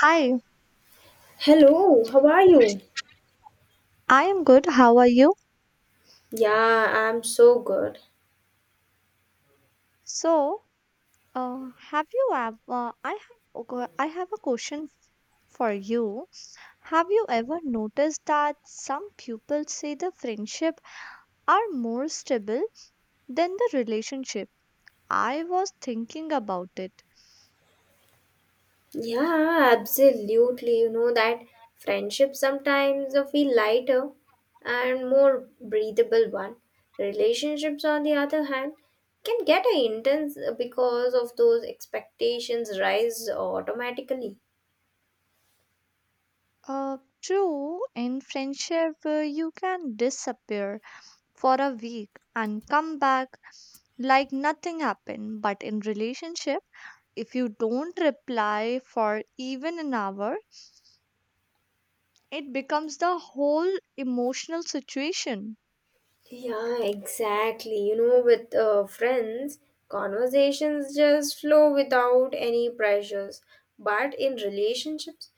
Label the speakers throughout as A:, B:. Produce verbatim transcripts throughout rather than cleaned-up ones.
A: Hi,
B: Hello, how are you?
A: I am good. How are you?
B: Yeah, I'm so good.
A: So, uh, have you ever, Uh, I have, a que- I have a question f- for you. Have you ever noticed that some people say the friendship are more stable than the relationship? I was thinking about it.
B: Yeah, absolutely. You know that friendship sometimes uh, feel lighter and more breathable one. Relationships, on the other hand, can get intense because of those expectations rise automatically.
A: Uh, True, in friendship, uh, you can disappear for a week and come back like nothing happened, but in relationship, if you don't reply for even an hour, it becomes the whole emotional situation.
B: Yeah, exactly. You know, with uh, friends, conversations just flow without any pressures. But in relationships,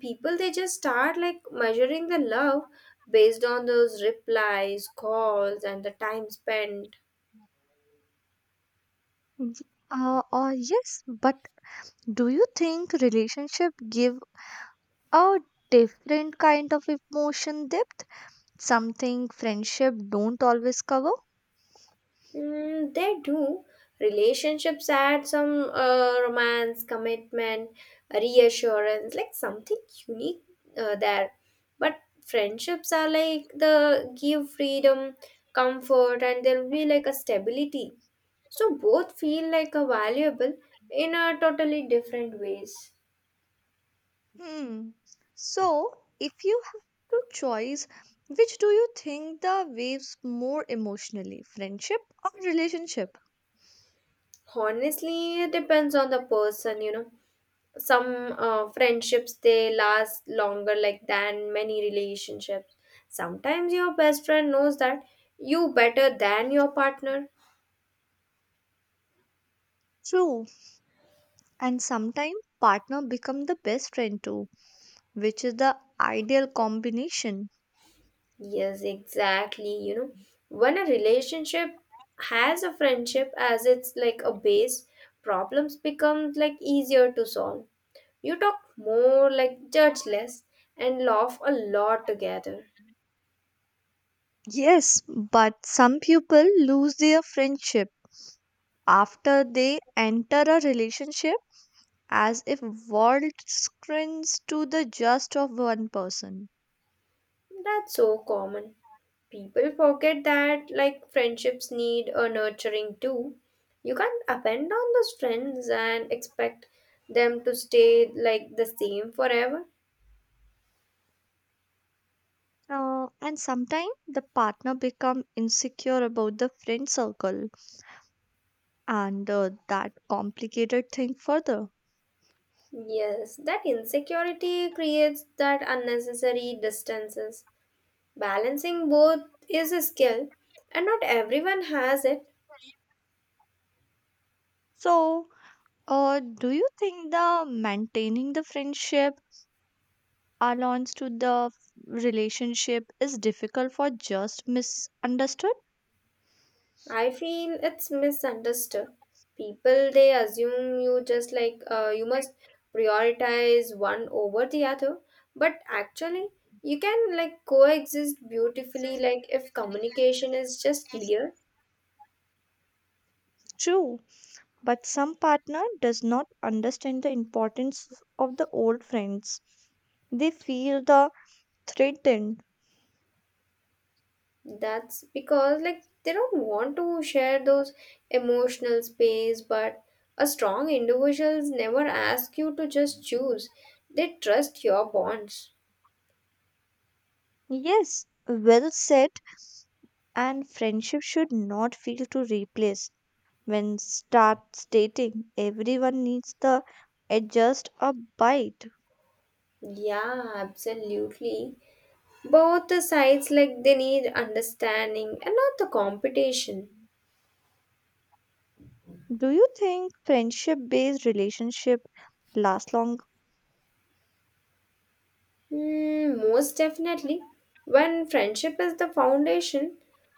B: people they just start like measuring the love based on those replies, calls, and the time spent.
A: Mhm. Uh, uh, yes, but do you think relationship give a different kind of emotion depth? Something friendship don't always cover?
B: Mm, they do. Relationships add some uh, romance, commitment, reassurance, like something unique uh, there. But friendships are like the give freedom, comfort, and there'll be like a stability. So both feel like a valuable in a totally different ways.
A: Hmm. So, if you have to choose, which do you think the waves more emotionally, friendship or relationship?
B: Honestly, it depends on the person, you know. Some uh, friendships they last longer like than many relationships, sometimes your best friend knows that you better than your partner.
A: True. And sometimes partner become the best friend too, which is the ideal combination.
B: Yes, exactly, you know, when a relationship has a friendship as it's like a base, problems become like easier to solve. You talk more like judge less and laugh a lot together.
A: Yes, but some people lose their friendship after they enter a relationship, as if world screens to the just of one person.
B: That's so common. People forget that like friendships need a nurturing too. You can't append on those friends and expect them to stay like the same forever.
A: Uh, and sometimes the partner become insecure about the friend circle, and uh, that complicated thing further.
B: Yes, that insecurity creates that unnecessary distances. Balancing both is a skill and not everyone has it.
A: So, uh, do you think the maintaining the friendship allowance to the relationship is difficult for just misunderstood?
B: I feel it's misunderstood. People they assume you just like uh, you must prioritize one over the other, but actually you can like coexist beautifully like if communication is just clear.
A: True, but some partner does not understand the importance of the old friends. They feel the threatened.
B: That's because like they don't want to share those emotional space, but a strong individuals never ask you to just choose. They trust your bonds.
A: Yes, well said, and friendship should not feel to replace. When starts dating, everyone needs the adjust a bite.
B: Yeah, absolutely. Both the sides like they need understanding and not the competition.
A: Do you think friendship based relationship last long?
B: Hmm, most definitely. When friendship is the foundation,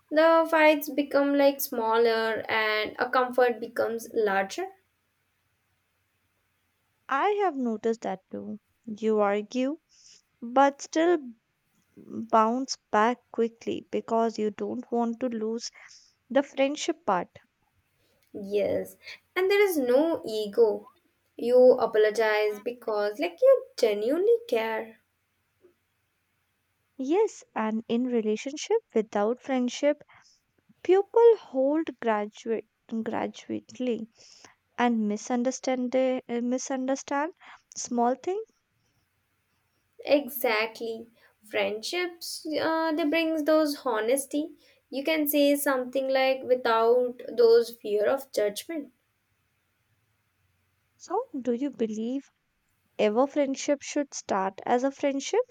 B: the fights become like smaller and a comfort becomes larger.
A: I have noticed that too. You argue but still bounce back quickly because you don't want to lose the friendship part.
B: Yes, and there is no ego, you apologize because like you genuinely care.
A: Yes, and in relationship without friendship, people hold graduate gradually and misunderstand the, uh, misunderstand small things.
B: Exactly. Friendships, uh, they brings those honesty. You can say something like without those fear of judgment.
A: So, do you believe ever friendship should start as a friendship?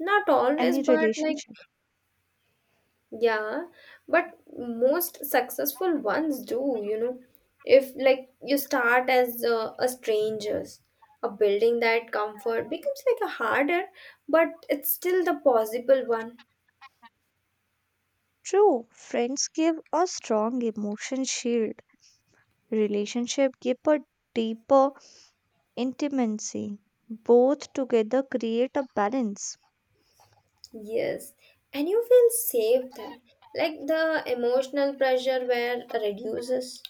B: Not always,
A: Any
B: but like
A: relationship?
B: yeah, but most successful ones do, you know. If like you start as uh, a strangers, a building that comfort becomes like a harder, but it's still the possible one.
A: True, friends give a strong emotion shield. Relationship give a deeper intimacy. Both together create a balance.
B: Yes, and you feel safe there. Like the emotional pressure where reduces.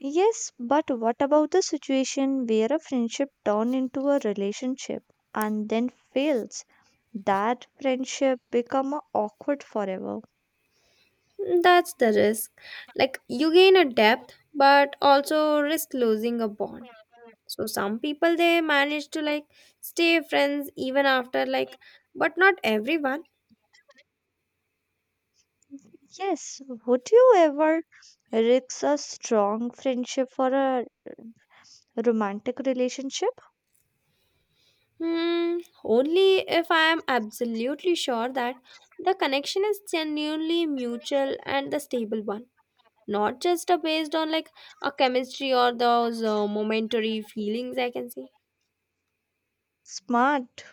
A: Yes, but what about the situation where a friendship turn into a relationship and then fails? That friendship become a awkward forever.
B: That's the risk. Like you gain a depth, but also risk losing a bond. So some people they manage to like stay friends even after like, but not everyone.
A: Yes, would you ever risk a strong friendship for a romantic relationship?
B: Hmm, only if I am absolutely sure that the connection is genuinely mutual and the stable one. Not just uh, based on like a chemistry or those uh, momentary feelings, I can say.
A: Smart.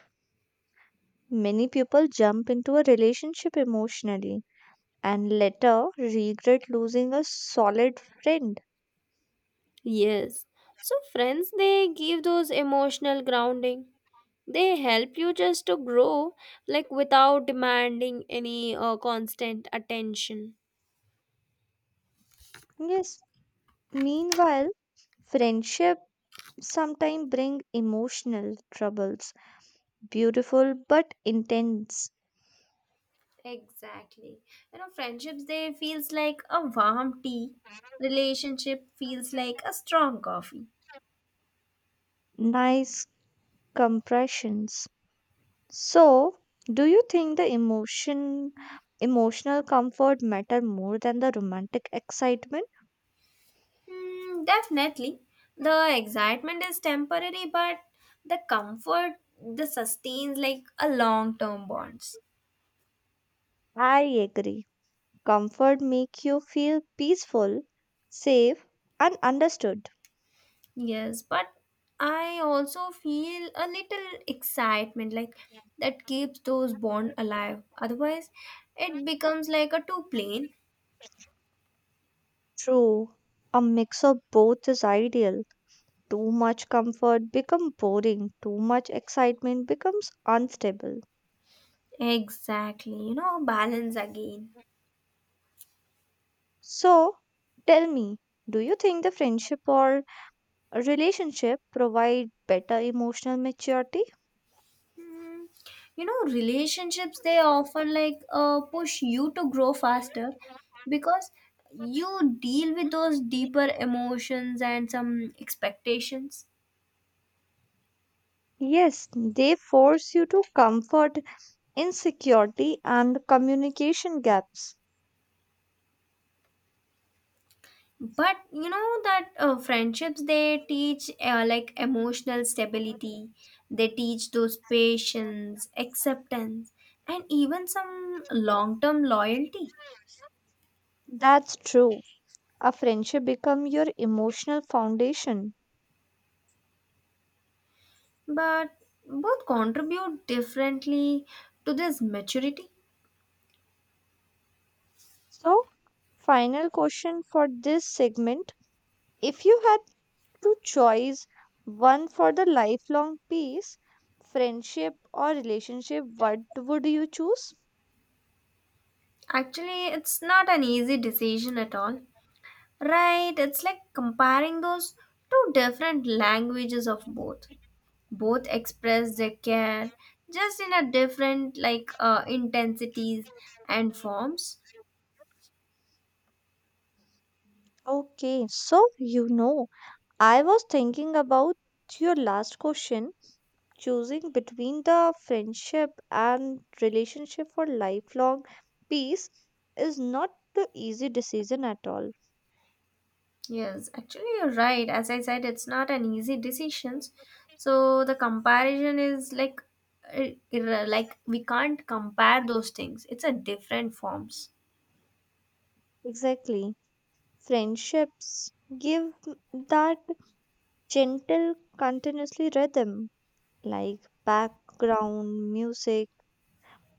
A: Many people jump into a relationship emotionally and later regret losing a solid friend.
B: Yes, so friends they give those emotional grounding, they help you just to grow like without demanding any uh, constant attention.
A: Yes. Meanwhile, friendship sometimes bring emotional troubles. Beautiful but intense.
B: Exactly. You know, friendships they feels like a warm tea. Relationship feels like a strong coffee.
A: Nice compressions. So, do you think the emotion emotional comfort matter more than the romantic excitement?
B: Hmm, definitely. The excitement is temporary, but the comfort the sustains like a long term bonds.
A: I agree. Comfort make you feel peaceful, safe, and understood.
B: Yes, but I also feel a little excitement like that keeps those bond alive. Otherwise it becomes like a two plane.
A: True. A mix of both is ideal. Too much comfort becomes boring, too much excitement becomes unstable.
B: Exactly, you know, balance again.
A: So, tell me, do you think the friendship or a relationship provide better emotional maturity?
B: Mm, you know relationships they often like uh, push you to grow faster because you deal with those deeper emotions and some expectations.
A: Yes, they force you to comfort insecurity and communication gaps.
B: But you know that uh, friendships they teach uh, like emotional stability, they teach those patience acceptance and even some long-term loyalty.
A: That's true. A friendship become your emotional foundation.
B: But both contribute differently to this maturity.
A: So, final question for this segment. If you had to choose one for the lifelong peace, friendship or relationship, what would you choose?
B: Actually, it's not an easy decision at all. Right, it's like comparing those two different languages of both. Both express their care just in a different like uh, intensities and forms.
A: Okay, so you know, I was thinking about your last question, choosing between the friendship and relationship for lifelong peace is not the easy decision at all.
B: Yes, actually you're right. As I said, it's not an easy decision. So the comparison is like uh, ir- like we can't compare those things. It's a different forms.
A: Exactly. Friendships give m- that gentle, continuously rhythm, like background music.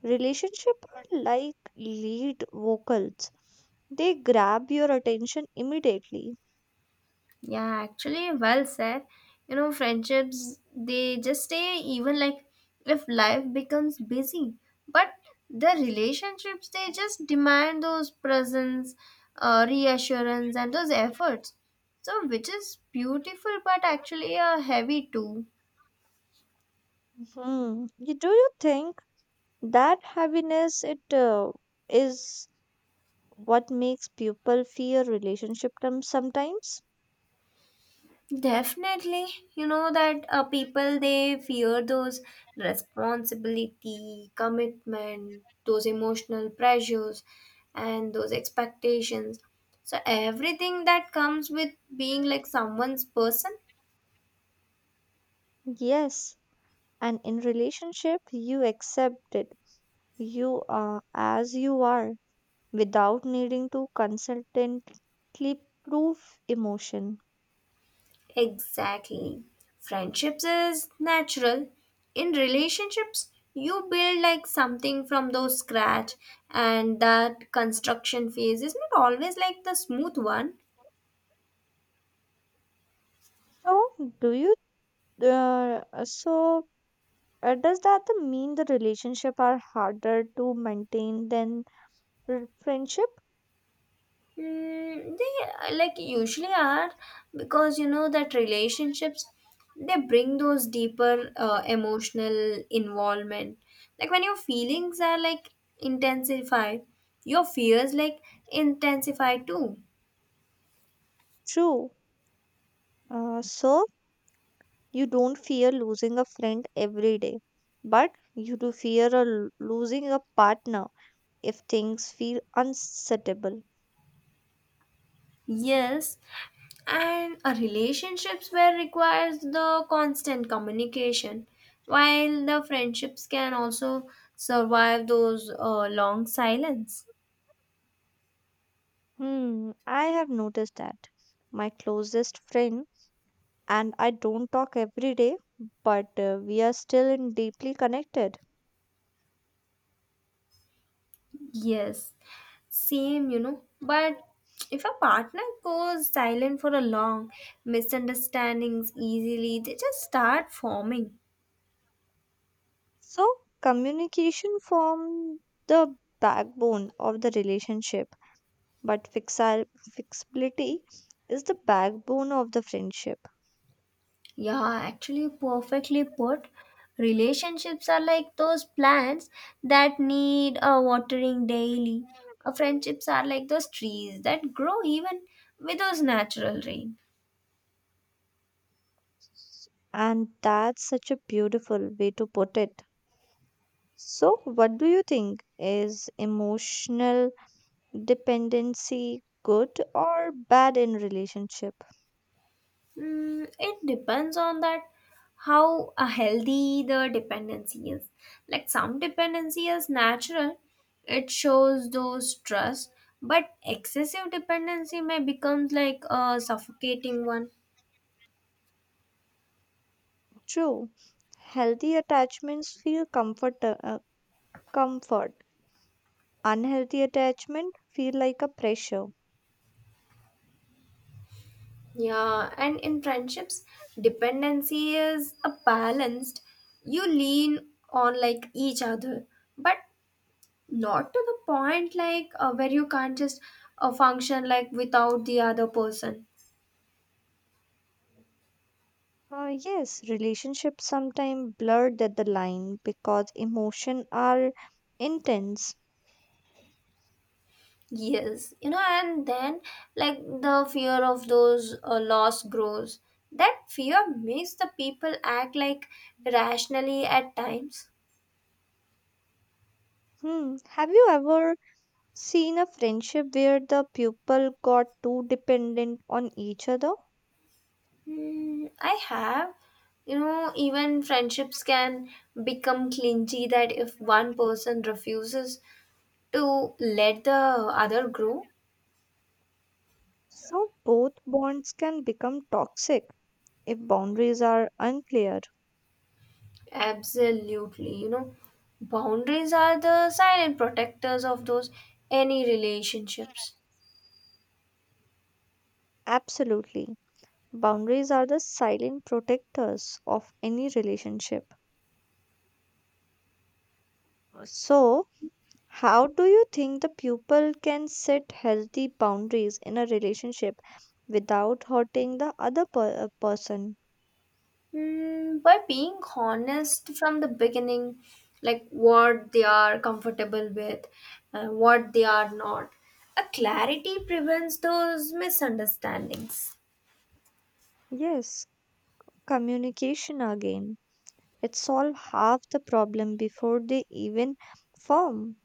A: Relationship are like lead vocals. They grab your attention immediately.
B: Yeah, actually, well said. You know, friendships, they just stay even like if life becomes busy. But the relationships, they just demand those presence, uh, reassurance, and those efforts. So, which is beautiful, but actually a heavy too.
A: Hmm. Y- Do you think that heaviness it uh, is what makes people fear relationship term sometimes?
B: Definitely. You know that uh, people they fear those responsibility, commitment, those emotional pressures, and those expectations. So, everything that comes with being like someone's person.
A: Yes, and in relationship you accept it. You are as you are without needing to constantly prove emotion.
B: Exactly. Friendships is natural. In relationships, you build like something from those scratch, and that construction phase is not always like the smooth one.
A: So do you uh, so Uh, does that mean the relationship are harder to maintain than r- friendship?
B: Mm, they uh, like usually are because you know that relationships they bring those deeper uh, emotional involvement. Like when your feelings are like intensified, your fears like intensify too.
A: True. Uh, so you don't fear losing a friend every day, but you do fear a l- losing a partner if things feel unsuitable.
B: Yes, and a relationships where requires the constant communication while the friendships can also survive those uh, long silence.
A: Hmm, I have noticed that. My closest friend and I don't talk every day, but uh, we are still in deeply connected.
B: Yes. Same, you know. But if a partner goes silent for a long, misunderstandings easily, they just start forming.
A: So, communication forms the backbone of the relationship, but fixi- fixability is the backbone of the friendship.
B: Yeah, actually, perfectly put. Relationships are like those plants that need a watering daily. Uh, friendships are like those trees that grow even without natural rain.
A: And that's such a beautiful way to put it. So, what do you think? Is emotional dependency good or bad in relationship?
B: Mm, it depends on that how uh, healthy the dependency is. Like some dependency is natural, it shows those trust, but excessive dependency may becomes like a suffocating one.
A: True. Healthy attachments feel comfort, uh, comfort. Unhealthy attachment feel like a pressure.
B: Yeah, and in friendships, dependency is a balanced. You lean on like each other, but not to the point like uh, where you can't just uh, function like without the other person.
A: Uh, yes, relationships sometimes blur that the line because emotion are intense.
B: Yes, you know, and then like the fear of those uh, loss grows. That fear makes the people act like rationally at times.
A: Hmm. Have you ever seen a friendship where the people got too dependent on each other?
B: Hmm, I have, you know, even friendships can become clingy that if one person refuses to let the other grow.
A: So both bonds can become toxic if boundaries are unclear.
B: Absolutely, you know, boundaries are the silent protectors of those any relationships.
A: Absolutely. Boundaries are the silent protectors of any relationship. So, how do you think the pupil can set healthy boundaries in a relationship without hurting the other per- uh, person.
B: Mm, by being honest from the beginning, like what they are comfortable with and what they are not. A clarity prevents those misunderstandings.
A: Yes, communication again. It solves half the problem before they even form.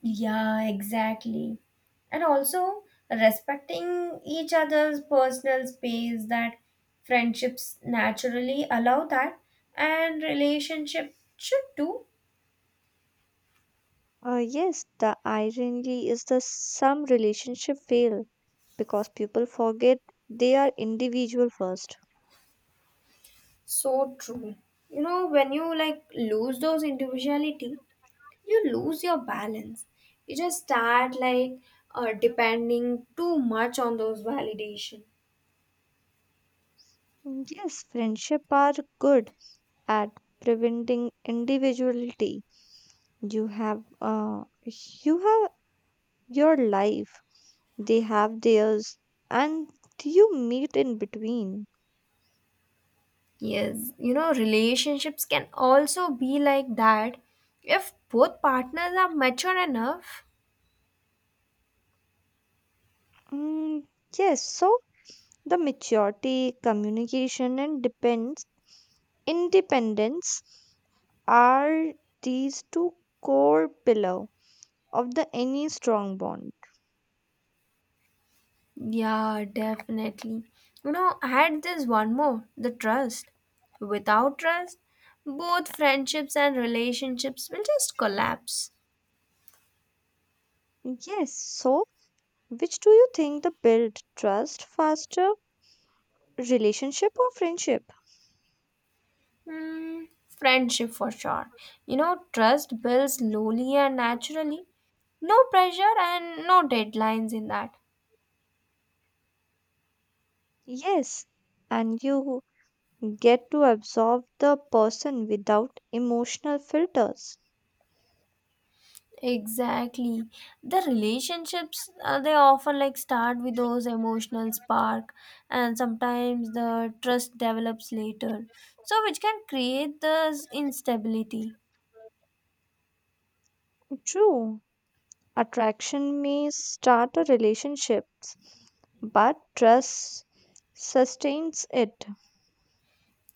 B: Yeah, exactly. And also respecting each other's personal space that friendships naturally allow that and relationship should too.
A: Uh, yes, the irony is that some relationship fail because people forget they are individual first.
B: So true. You know, when you like lose those individuality, you lose your balance, you just start like uh, depending too much on those validation.
A: Mm, yes, friendship are good at preventing individuality. You have uh, you have your life, they have theirs, and you meet in between.
B: Yes, you know, relationships can also be like that if both partners are mature enough.
A: Mm, yes, so the maturity, communication, and depends independence are these two core pillar of the any strong bond.
B: Yeah, definitely. You know, add this one more the trust. Without trust, both friendships and relationships will just collapse.
A: Yes, so which do you think the build trust faster, relationship or friendship?
B: Hmm, friendship for sure. You know, trust builds slowly and naturally. No pressure and no deadlines in that.
A: Yes, and you get to absorb the person without emotional filters.
B: Exactly. The relationships, uh, they often like start with those emotional spark, and sometimes the trust develops later. So, which can create this instability.
A: True, attraction may start a relationship, but trust sustains it.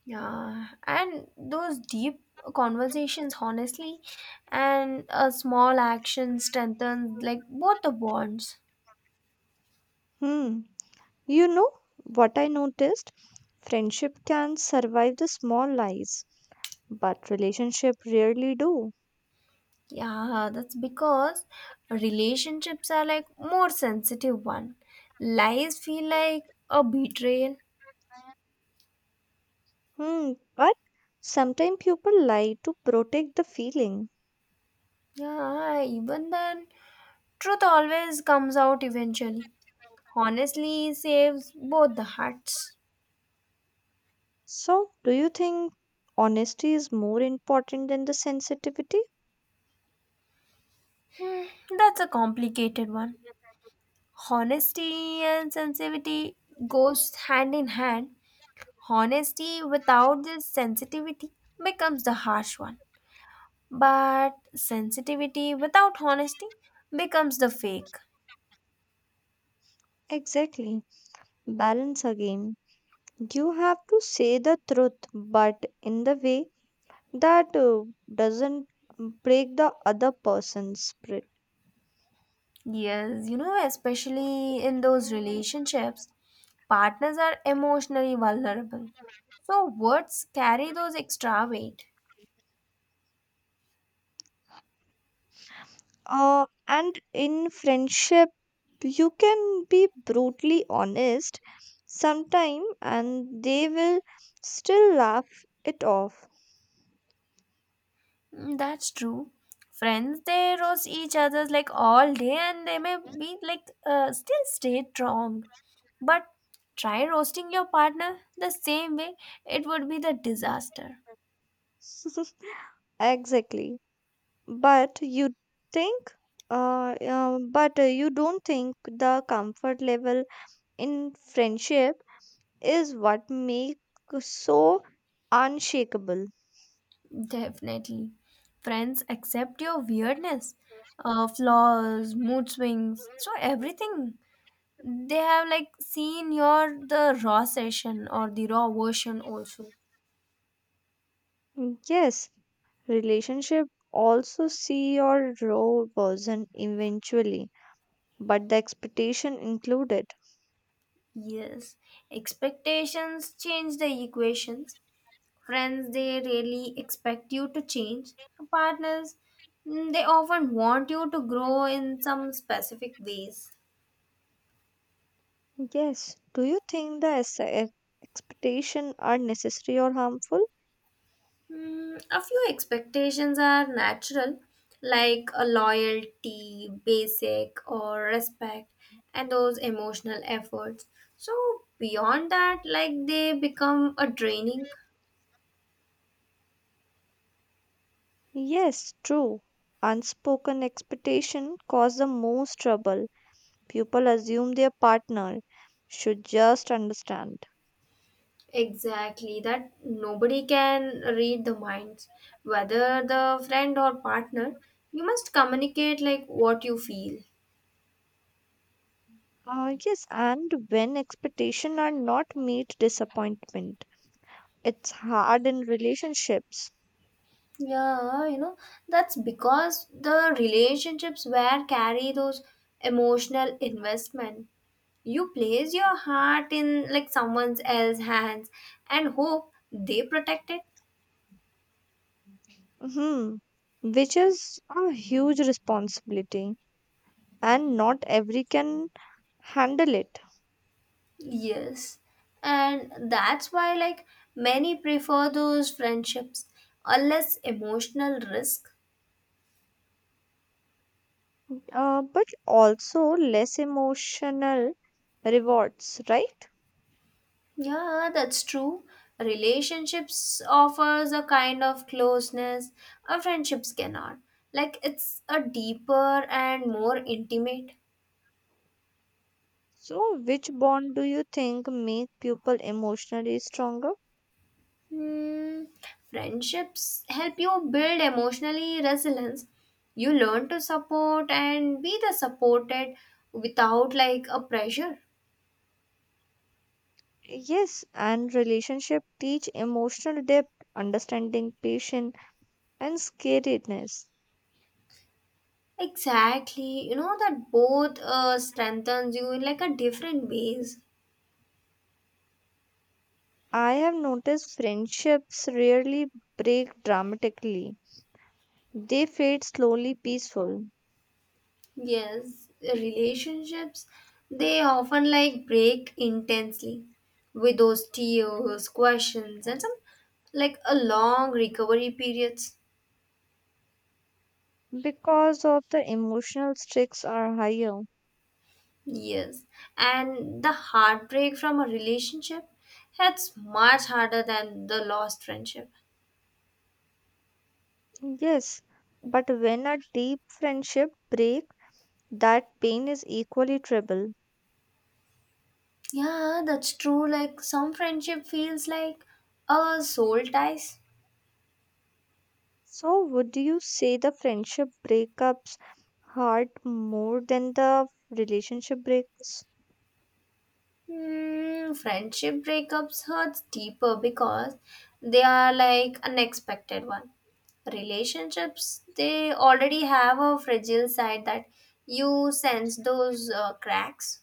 B: Yeah, and those deep conversations, honestly, and a small action strengthens like both the bonds.
A: Hmm. You know what I noticed? Friendship can survive the small lies, but relationship rarely do.
B: Yeah, that's because relationships are like more sensitive one. Lies feel like a betrayal.
A: Hmm. But sometimes people lie to protect the feeling.
B: Yeah, even then, truth always comes out eventually. Honestly saves both the hearts.
A: So, do you think honesty is more important than the sensitivity?
B: Hmm, that's a complicated one. Honesty and sensitivity goes hand in hand. Honesty without this sensitivity becomes the harsh one. But sensitivity without honesty becomes the fake.
A: Exactly. Balance again. You have to say the truth, but in the way that uh, doesn't break the other person's spirit.
B: Yes, you know, especially in those relationships, partners are emotionally vulnerable. So words carry those extra weight.
A: Uh, and in friendship, you can be brutally honest sometime, and they will still laugh it off.
B: Mm, that's true. Friends, they roast each other like all day and they may be like uh, still stay strong. But try roasting your partner the same way, it would be the disaster.
A: Exactly. But you think, uh, uh, but uh, you don't think the comfort level in friendship is what makes so unshakable.
B: Definitely. Friends accept your weirdness, uh, flaws, mood swings, so everything. They have like seen your the raw session or the raw version also.
A: Yes, relationship also see your raw version eventually, but the expectation included.
B: Yes. Expectations change the equations. Friends they really expect you to change. Partners mm, they often want you to grow in some specific ways.
A: Yes, do you think the es- e- expectation are necessary or harmful?
B: Hmm, a few expectations are natural, like a loyalty, basic, or respect, and those emotional efforts. So, beyond that, like they become a draining.
A: Yes, true. Unspoken expectation cause the most trouble. People assume their partner should just understand.
B: Exactly, that nobody can read the minds, whether the friend or partner. You must communicate like what you feel.
A: Uh, yes, and when expectations are not meet, disappointment. It's hard in relationships,
B: Yeah, you know, that's because the relationships where carry those emotional investment. You place your heart in like someone else's hands and hope they protect it.
A: hmm, which is a huge responsibility, and not every can handle it.
B: Yes. And that's why like many prefer those friendships, a less emotional risk.
A: Uh, but also less emotional rewards, right?
B: Yeah, that's true. Relationships offers a kind of closeness a friendships cannot. Like it's a deeper and more intimate.
A: So, which bond do you think make people emotionally stronger?
B: Hmm, friendships help you build emotionally resilience. You learn to support and be the supported without like a pressure.
A: Yes, and relationship teach emotional depth, understanding, patience, and scariness.
B: Exactly, you know that both uh, strengthens you in like a different ways.
A: I have noticed friendships rarely break dramatically. They fade slowly peaceful
B: Yes, relationships they often like break intensely with those tears, questions, and some like a long recovery periods.
A: because of the emotional stakes are higher.
B: Yes, and the heartbreak from a relationship hits much harder than the lost friendship.
A: Yes, but when a deep friendship break, that pain is equally trouble.
B: Yeah, that's true. Like some friendship feels like a soul ties.
A: So would you say the friendship breakups hurt more than the relationship breaks?
B: Hmm, friendship breakups hurts deeper because they are like unexpected one. Relationships they already have a fragile side that you sense those uh, cracks.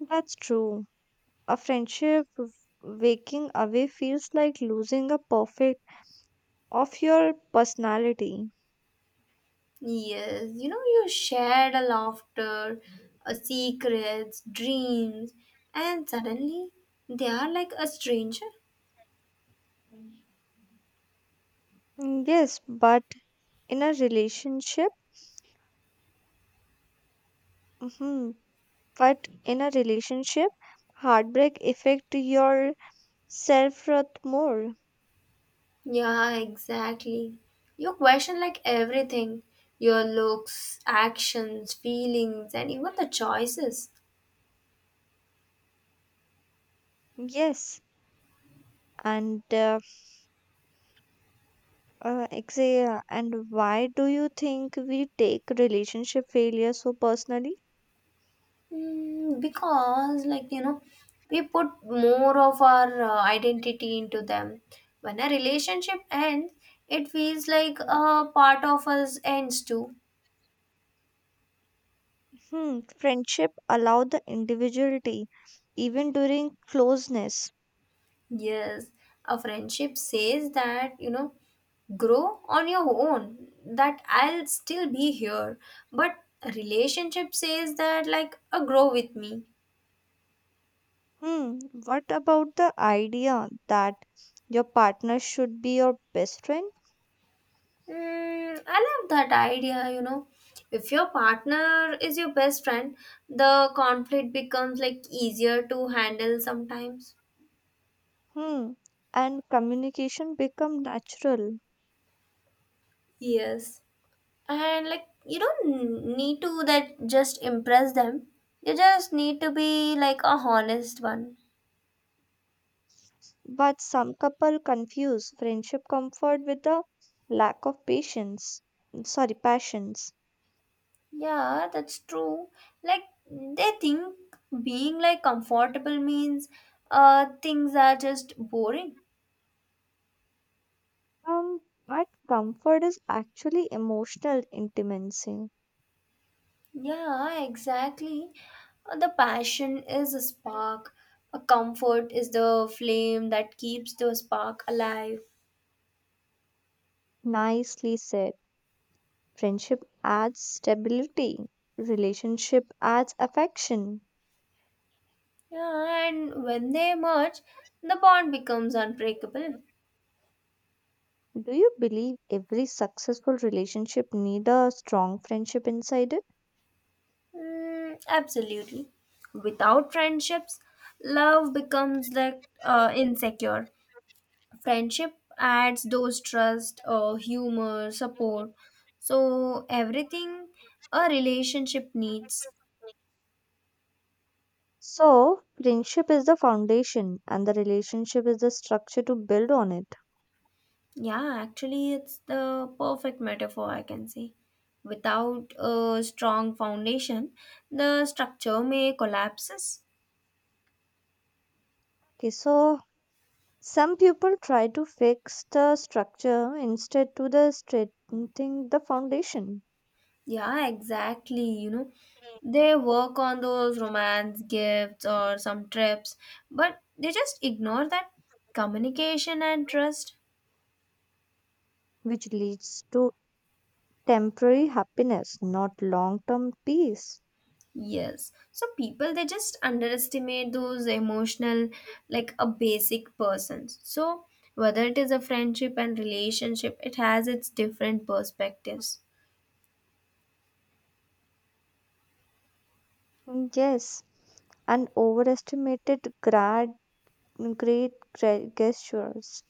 A: That's true. A friendship w- waking away feels like losing a perfect of your personality.
B: Yes, you know, you shared a laughter, a secrets, dreams, and suddenly they are like a stranger.
A: Mm, yes, but in a relationship, mhm, but in a relationship, heartbreak affect your self-worth more.
B: Yeah, exactly. You question like everything, your looks, actions, feelings, and even the choices.
A: Yes, and uh, uh, exa- and why do you think we take relationship failure so personally?
B: Mm, because, like, you know, we put more of our uh, identity into them. When a relationship ends, it feels like a part of us ends too.
A: Hmm, friendship allow the individuality even during closeness.
B: Yes, a friendship says that, you know, grow on your own, that I'll still be here. But a relationship says that, like, a grow with me.
A: Hmm, what about the idea that your partner should be your best friend?
B: Mm, I love that idea, you know. If your partner is your best friend, the conflict becomes like easier to handle sometimes.
A: Hmm. And communication become natural.
B: Yes. And like you don't need to that just impress them. You just need to be like a honest one.
A: But some couple confuse friendship comfort with the lack of patience. Sorry, passions.
B: Yeah, that's true. Like they think being like comfortable means uh things are just boring.
A: Um, but comfort is actually emotional intimacy.
B: Yeah, exactly. Uh, The passion is a spark. A comfort is the flame that keeps the spark alive.
A: Nicely said. Friendship adds stability. Relationship adds affection.
B: Yeah, and when they merge, the bond becomes unbreakable.
A: Do you believe every successful relationship need a strong friendship inside it?
B: Mm, absolutely. Without friendships, love becomes like uh, insecure. Friendship adds those trust, uh, humor, support, so everything a relationship needs.
A: So, friendship is the foundation and the relationship is the structure to build on it.
B: Yeah, actually it's the perfect metaphor, I can say. Without a strong foundation, the structure may collapses.
A: Okay, so some people try to fix the structure instead to the strengthening the foundation,
B: Yeah, exactly, you know, they work on those romance gifts or some trips, but they just ignore that communication and trust.
A: which leads to temporary happiness, not long-term peace.
B: Yes. So people they just underestimate those emotional like a basic persons. So whether it is a friendship and relationship, it has its different perspectives.
A: Mm, yes, and overestimated grad great gra- gestures.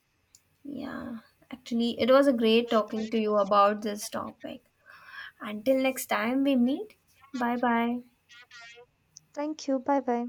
B: Yeah. Actually, it was a great talking to you about this topic. Until next time we meet. Bye bye.
A: Thank you. Bye bye.